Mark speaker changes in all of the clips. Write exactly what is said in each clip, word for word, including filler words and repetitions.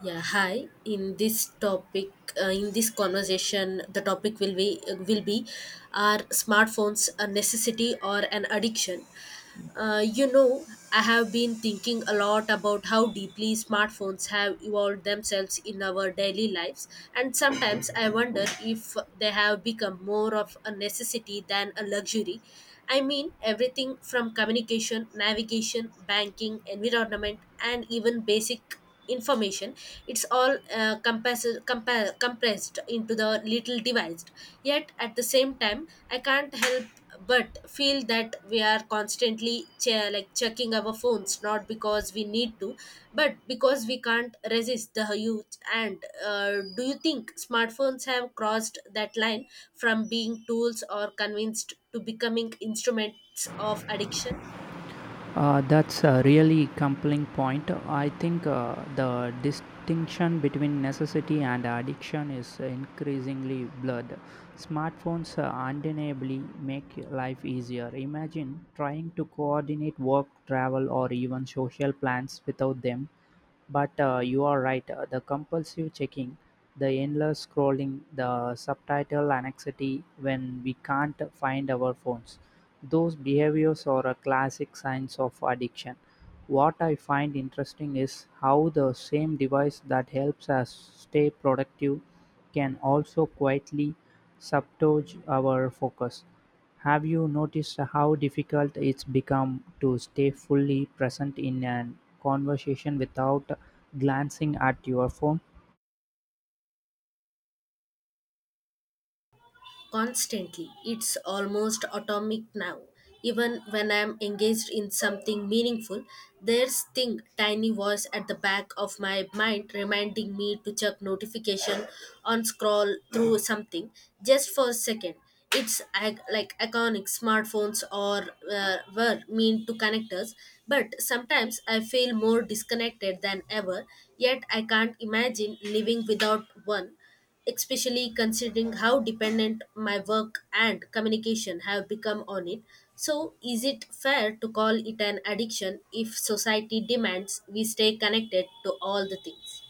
Speaker 1: Yeah, hi. In this topic, uh, in this conversation, the topic will be will be are smartphones a necessity or an addiction? Uh, you know, I have been thinking a lot about how deeply smartphones have evolved themselves in our daily lives, and sometimes I wonder if they have become more of a necessity than a luxury. I mean, everything from communication, navigation, banking, environment, and even basic information, it's all uh, compass- compa- compressed into the little device. Yet at the same time I can't help but feel that we are constantly che- like checking our phones not because we need to but because we can't resist the youth. And uh, do you think smartphones have crossed that line from being tools or convinced to becoming instruments of addiction?
Speaker 2: Uh, that's a really compelling point. I think uh, the distinction between necessity and addiction is increasingly blurred. Smartphones uh, undeniably make life easier. Imagine trying to coordinate work, travel, or even social plans without them. But uh, you are right, uh, the compulsive checking, the endless scrolling, the subtitle anxiety when we can't find our phones those behaviors are a classic signs of addiction. What I find interesting is how the same device that helps us stay productive can also quietly submerge our focus. Have you noticed how difficult it's become to stay fully present in a conversation without glancing at your phone?
Speaker 1: Constantly. It's almost atomic now. Even when I'm engaged in something meaningful, there's thing tiny voice at the back of my mind reminding me to check notification on scroll through something just for a second. It's ag- like iconic smartphones or uh, were meant to connect us, but sometimes I feel more disconnected than ever. Yet I can't imagine living without one, especially considering how dependent my work and communication have become on it. So, is it fair to call it an addiction if society demands we stay connected to all the things?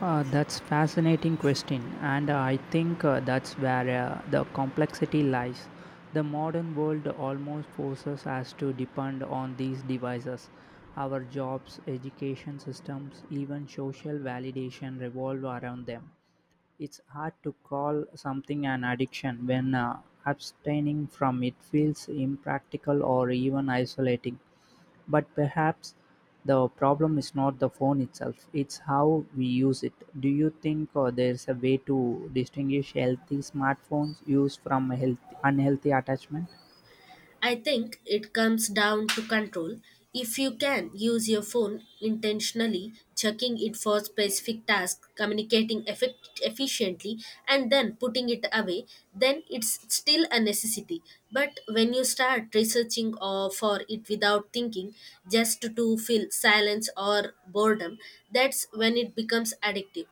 Speaker 2: Uh, that's fascinating question, and I think uh, that's where uh, the complexity lies. The modern world almost forces us to depend on these devices. Our jobs, education systems, even social validation revolve around them. It's hard to call something an addiction when uh, abstaining from it feels impractical or even isolating. But perhaps the problem is not the phone itself, it's how we use it. Do you think uh, there's a way to distinguish healthy smartphones use from a healthy, unhealthy attachment?
Speaker 1: I think it comes down to control. If you can use your phone intentionally, checking it for specific tasks, communicating effect- efficiently, and then putting it away, then it's still a necessity. But when you start researching or for it without thinking, just to feel silence or boredom, that's when it becomes addictive.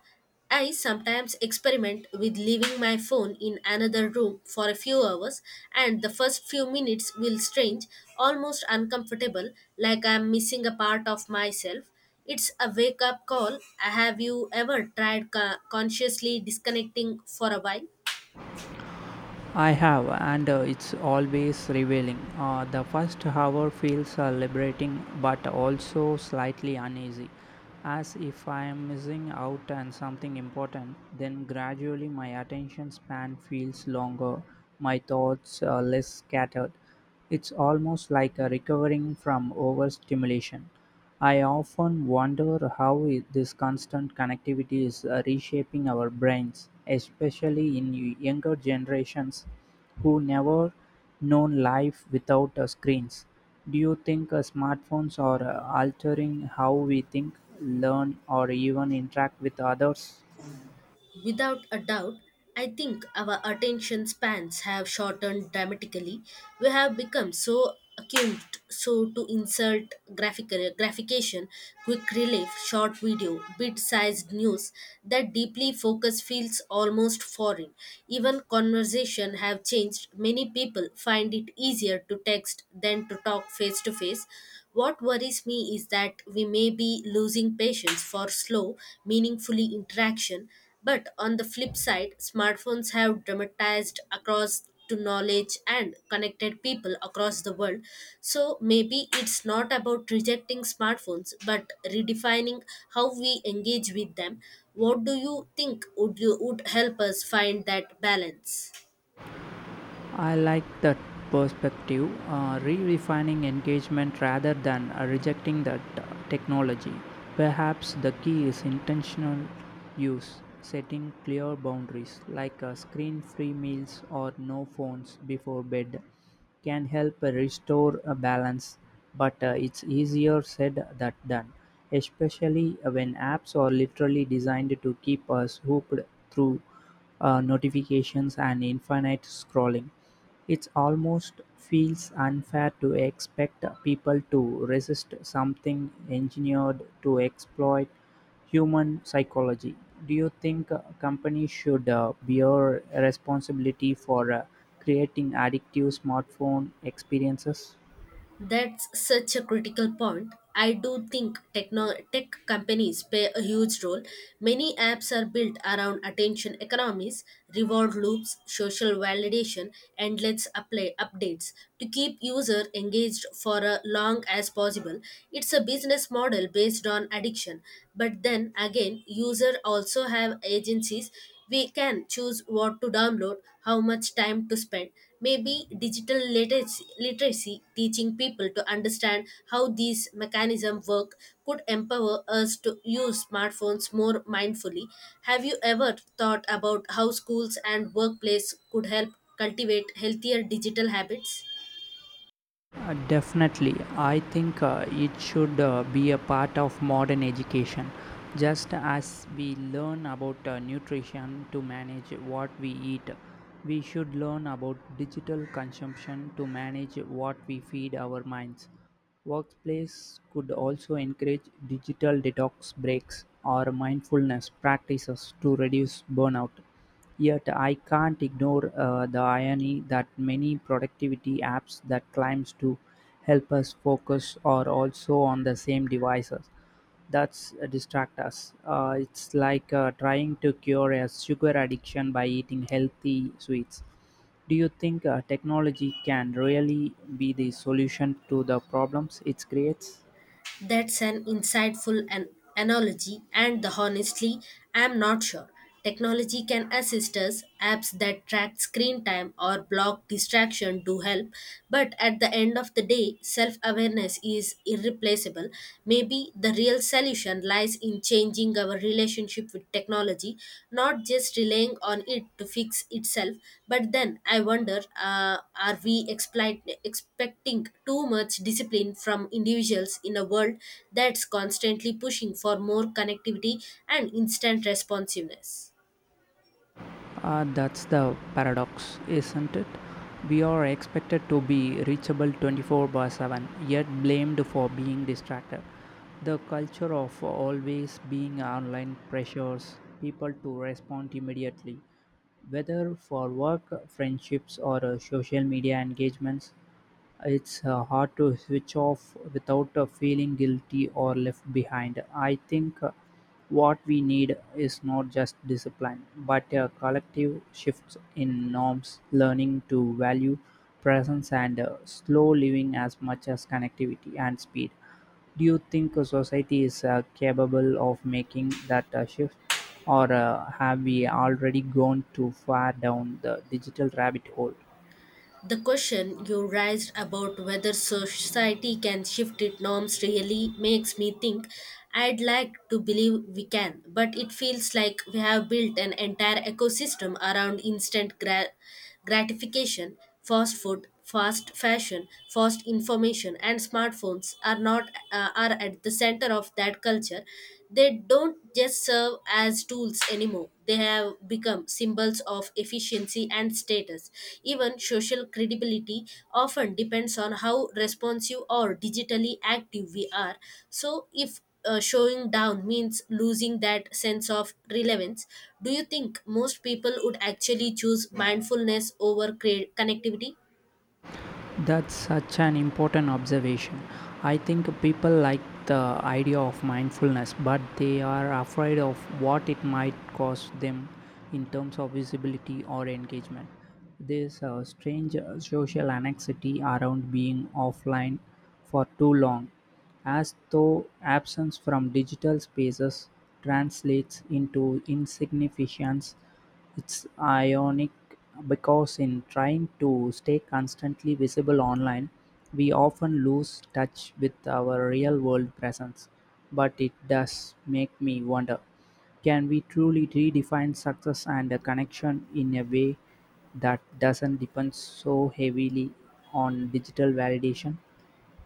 Speaker 1: I sometimes experiment with leaving my phone in another room for a few hours, and the first few minutes will strange, almost uncomfortable, like I'm missing a part of myself. It's a wake up call. Have you ever tried co- consciously disconnecting for a while?
Speaker 2: I have, and uh, it's always revealing. Uh, the first hour feels uh, liberating, but also slightly uneasy, as if I am missing out on something important. Then gradually, my attention span feels longer, my thoughts uh, less scattered. It's almost like a recovering from overstimulation. I often wonder how i- this constant connectivity is uh, reshaping our brains, especially in y- younger generations who never known life without uh, screens. Do you think uh, smartphones are uh, altering how we think, learn, or even interact with others?
Speaker 1: Without a doubt, I think our attention spans have shortened dramatically. We have become so accustomed so to insert graphic graphication, quick relief, short video, bit-sized news that deeply focus feels almost foreign. Even conversation have changed. Many people find it easier to text than to talk face to face. What worries me is that we may be losing patience for slow, meaningfully interaction, but on the flip side, smartphones have dramatized across to knowledge and connected people across the world. So maybe it's not about rejecting smartphones but redefining how we engage with them. What do you think would you would help us find that balance?
Speaker 2: I like that perspective, uh, re refining engagement rather than uh, rejecting that uh, technology. Perhaps the key is intentional use, setting clear boundaries like uh, screen free meals or no phones before bed can help restore a balance, but uh, it's easier said than done, especially when apps are literally designed to keep us hooked through uh, notifications and infinite scrolling. It almost feels unfair to expect people to resist something engineered to exploit human psychology. Do you think uh, companies should uh, bear responsibility for uh, creating addictive smartphone experiences?
Speaker 1: That's such a critical point. I do think techno- tech companies play a huge role. Many apps are built around attention economies, reward loops, social validation, and let's apply updates to keep user engaged for as long as possible. It's a business model based on addiction, but then again, user also have agencies, we can choose what to download, how much time to spend. Maybe digital literacy, literacy teaching people to understand how these mechanisms work could empower us to use smartphones more mindfully. Have you ever thought about how schools and workplace could help cultivate healthier digital habits?
Speaker 2: Uh, definitely, I think uh, it should uh, be a part of modern education. Just as we learn about uh, nutrition to manage what we eat, we should learn about digital consumption to manage what we feed our minds. Workplace could also encourage digital detox breaks or mindfulness practices to reduce burnout. Yet I can't ignore uh, the irony that many productivity apps that claims to help us focus are also on the same devices that's uh, distract us. Uh, it's like uh, trying to cure a sugar addiction by eating healthy sweets. Do you think uh, technology can really be the solution to the problems it creates?
Speaker 1: That's an insightful an- analogy, and honestly, I'm not sure. Technology can assist us, apps that track screen time or block distraction do help, but at the end of the day, self awareness is irreplaceable. Maybe the real solution lies in changing changing our relationship with technology, not just relying on it to fix itself. But then I wonder, uh, are we expli- expecting too much discipline from individuals in a world that's constantly pushing for more connectivity and instant responsiveness?
Speaker 2: Uh, that's the paradox, isn't it? We are expected to be reachable twenty-four by seven, yet blamed for being distracted. The culture of always being online pressures people to respond immediately, whether for work, friendships, or uh, social media engagements. It's uh, hard to switch off without uh, feeling guilty or left behind. I think uh, what we need is not just discipline, but a collective shift in norms, learning to value presence and uh, slow living as much as connectivity and speed. Do you think a society is uh, capable of making that uh, shift, or uh, have we already gone too far down the digital rabbit hole?
Speaker 1: The question you raised about whether society can shift its norms really makes me think. I'd like to believe we can, but it feels like we have built an entire ecosystem around instant gra- gratification, fast food, fast fashion, fast information, and smartphones are not uh, are at the center of that culture. They don't just serve as tools anymore. They have become symbols of efficiency and status. Even social credibility often depends on how responsive or digitally active we are. So if uh, showing down means losing that sense of relevance. Do you think most people would actually choose mindfulness over cre- connectivity?
Speaker 2: That's such an important observation. I think people like the idea of mindfulness, but they are afraid of what it might cost them in terms of visibility or engagement. There's a strange uh, social anxiety around being offline for too long, as though absence from digital spaces translates into insignificance. It's ironic because in trying to stay constantly visible online, we often lose touch with our real world presence. But it does make me wonder, can we truly redefine success and a connection in a way that doesn't depend so heavily on digital validation?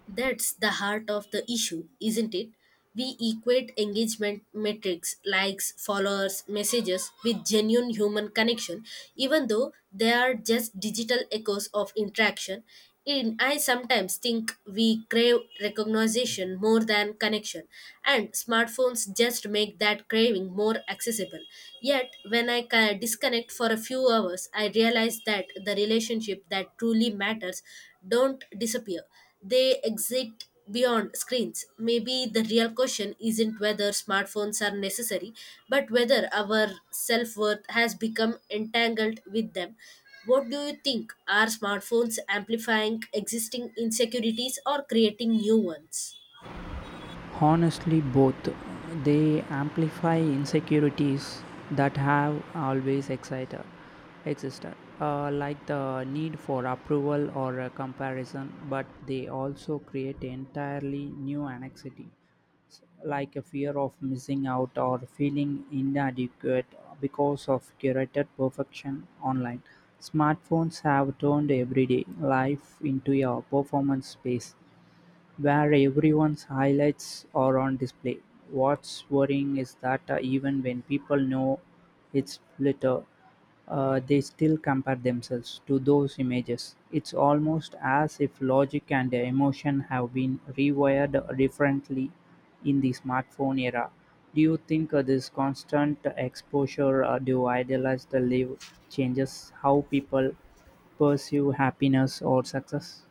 Speaker 1: That's the heart of the issue, isn't it? We equate engagement metrics, likes, followers, messages with genuine human connection, even though they are just digital echoes of interaction. And I sometimes think we crave recognition more than connection, and smartphones just make that craving more accessible. Yet, when I ca- disconnect for a few hours, I realize that the relationship that truly matters don't disappear. They exist beyond screens. Maybe the real question isn't whether smartphones are necessary, but whether our self worth has become entangled with them. What do you think? Are smartphones amplifying existing insecurities or creating new ones?
Speaker 2: Honestly, both. They amplify insecurities that have always excited, existed, uh, like the need for approval or a comparison, but they also create entirely new anxiety, s- like a fear of missing out or feeling inadequate because of curated perfection online. Smartphones have turned everyday life into a performance space where everyone's highlights are on display. What's worrying is that uh, even when people know it's litter, uh, they still compare themselves to those images. It's almost as if logic and emotion have been rewired differently in the smartphone era. Do you think uh, this constant exposure uh, to idealized live changes how people pursue happiness or success?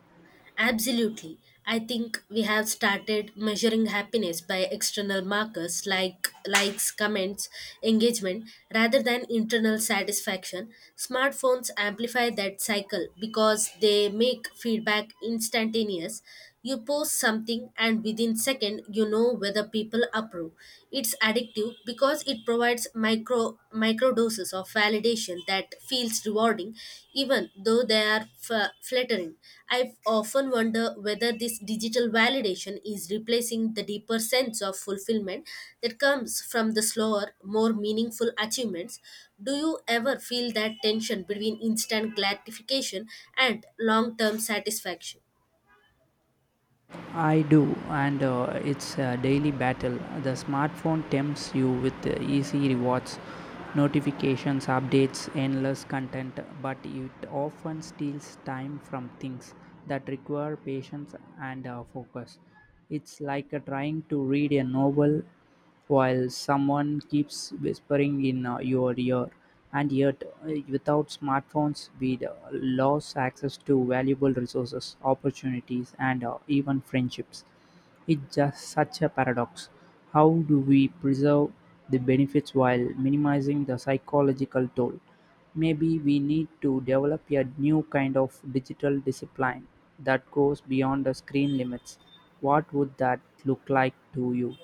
Speaker 1: Absolutely. I think we have started measuring happiness by external markers like likes, comments, engagement rather than internal satisfaction. Smartphones amplify that cycle because they make feedback instantaneous, you post something and within second you know whether people approve. It's addictive because it provides micro micro doses of validation that feels rewarding even though they are f- flattering. I often wonder whether this digital validation is replacing the deeper sense of fulfillment that comes from the slower, more meaningful achievements. Do you ever feel that tension between instant gratification and long term satisfaction?
Speaker 2: I do, and uh, it's a daily battle. The smartphone tempts you with uh, easy rewards, notifications, updates, endless content, but it often steals time from things that require patience and uh, focus. It's like uh, trying to read a novel while someone keeps whispering in uh, your ear. And yet, uh, without smartphones, we'd uh, lose access to valuable resources, opportunities, and uh, even friendships. It's just such a paradox. How do we preserve the benefits while minimizing the psychological toll? Maybe we need to develop a new kind of digital discipline that goes beyond the screen limits. What would that look like to you?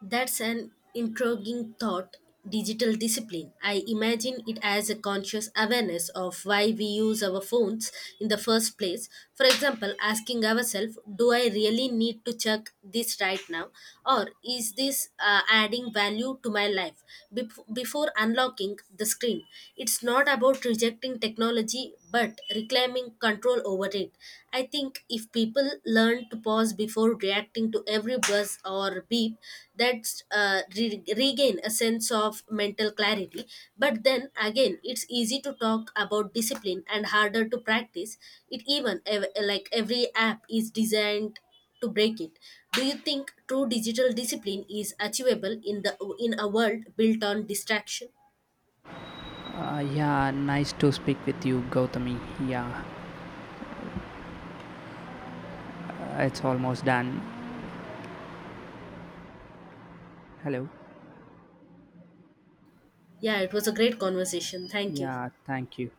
Speaker 1: That's an intriguing thought. Digital discipline. I imagine it as a conscious awareness of why we use our phones in the first place. For example, asking ourselves, do I really need to check this right now? Or is this uh, adding value to my life? Bef- before unlocking the screen, it's not about rejecting technology but reclaiming control over it. I think if people learn to pause before reacting to every buzz or beep, that's uh, re- regain a sense of mental clarity. But then again, it's easy to talk about discipline and harder to practice it. Even ev- like every app is designed to break it. Do you think true digital discipline is achievable in the in a world built on distraction?
Speaker 2: Uh, yeah, nice to speak with you, Gautami. Yeah, uh, it's almost done. Hello.
Speaker 1: Yeah, it was a great conversation. Thank you.
Speaker 2: Yeah, thank you.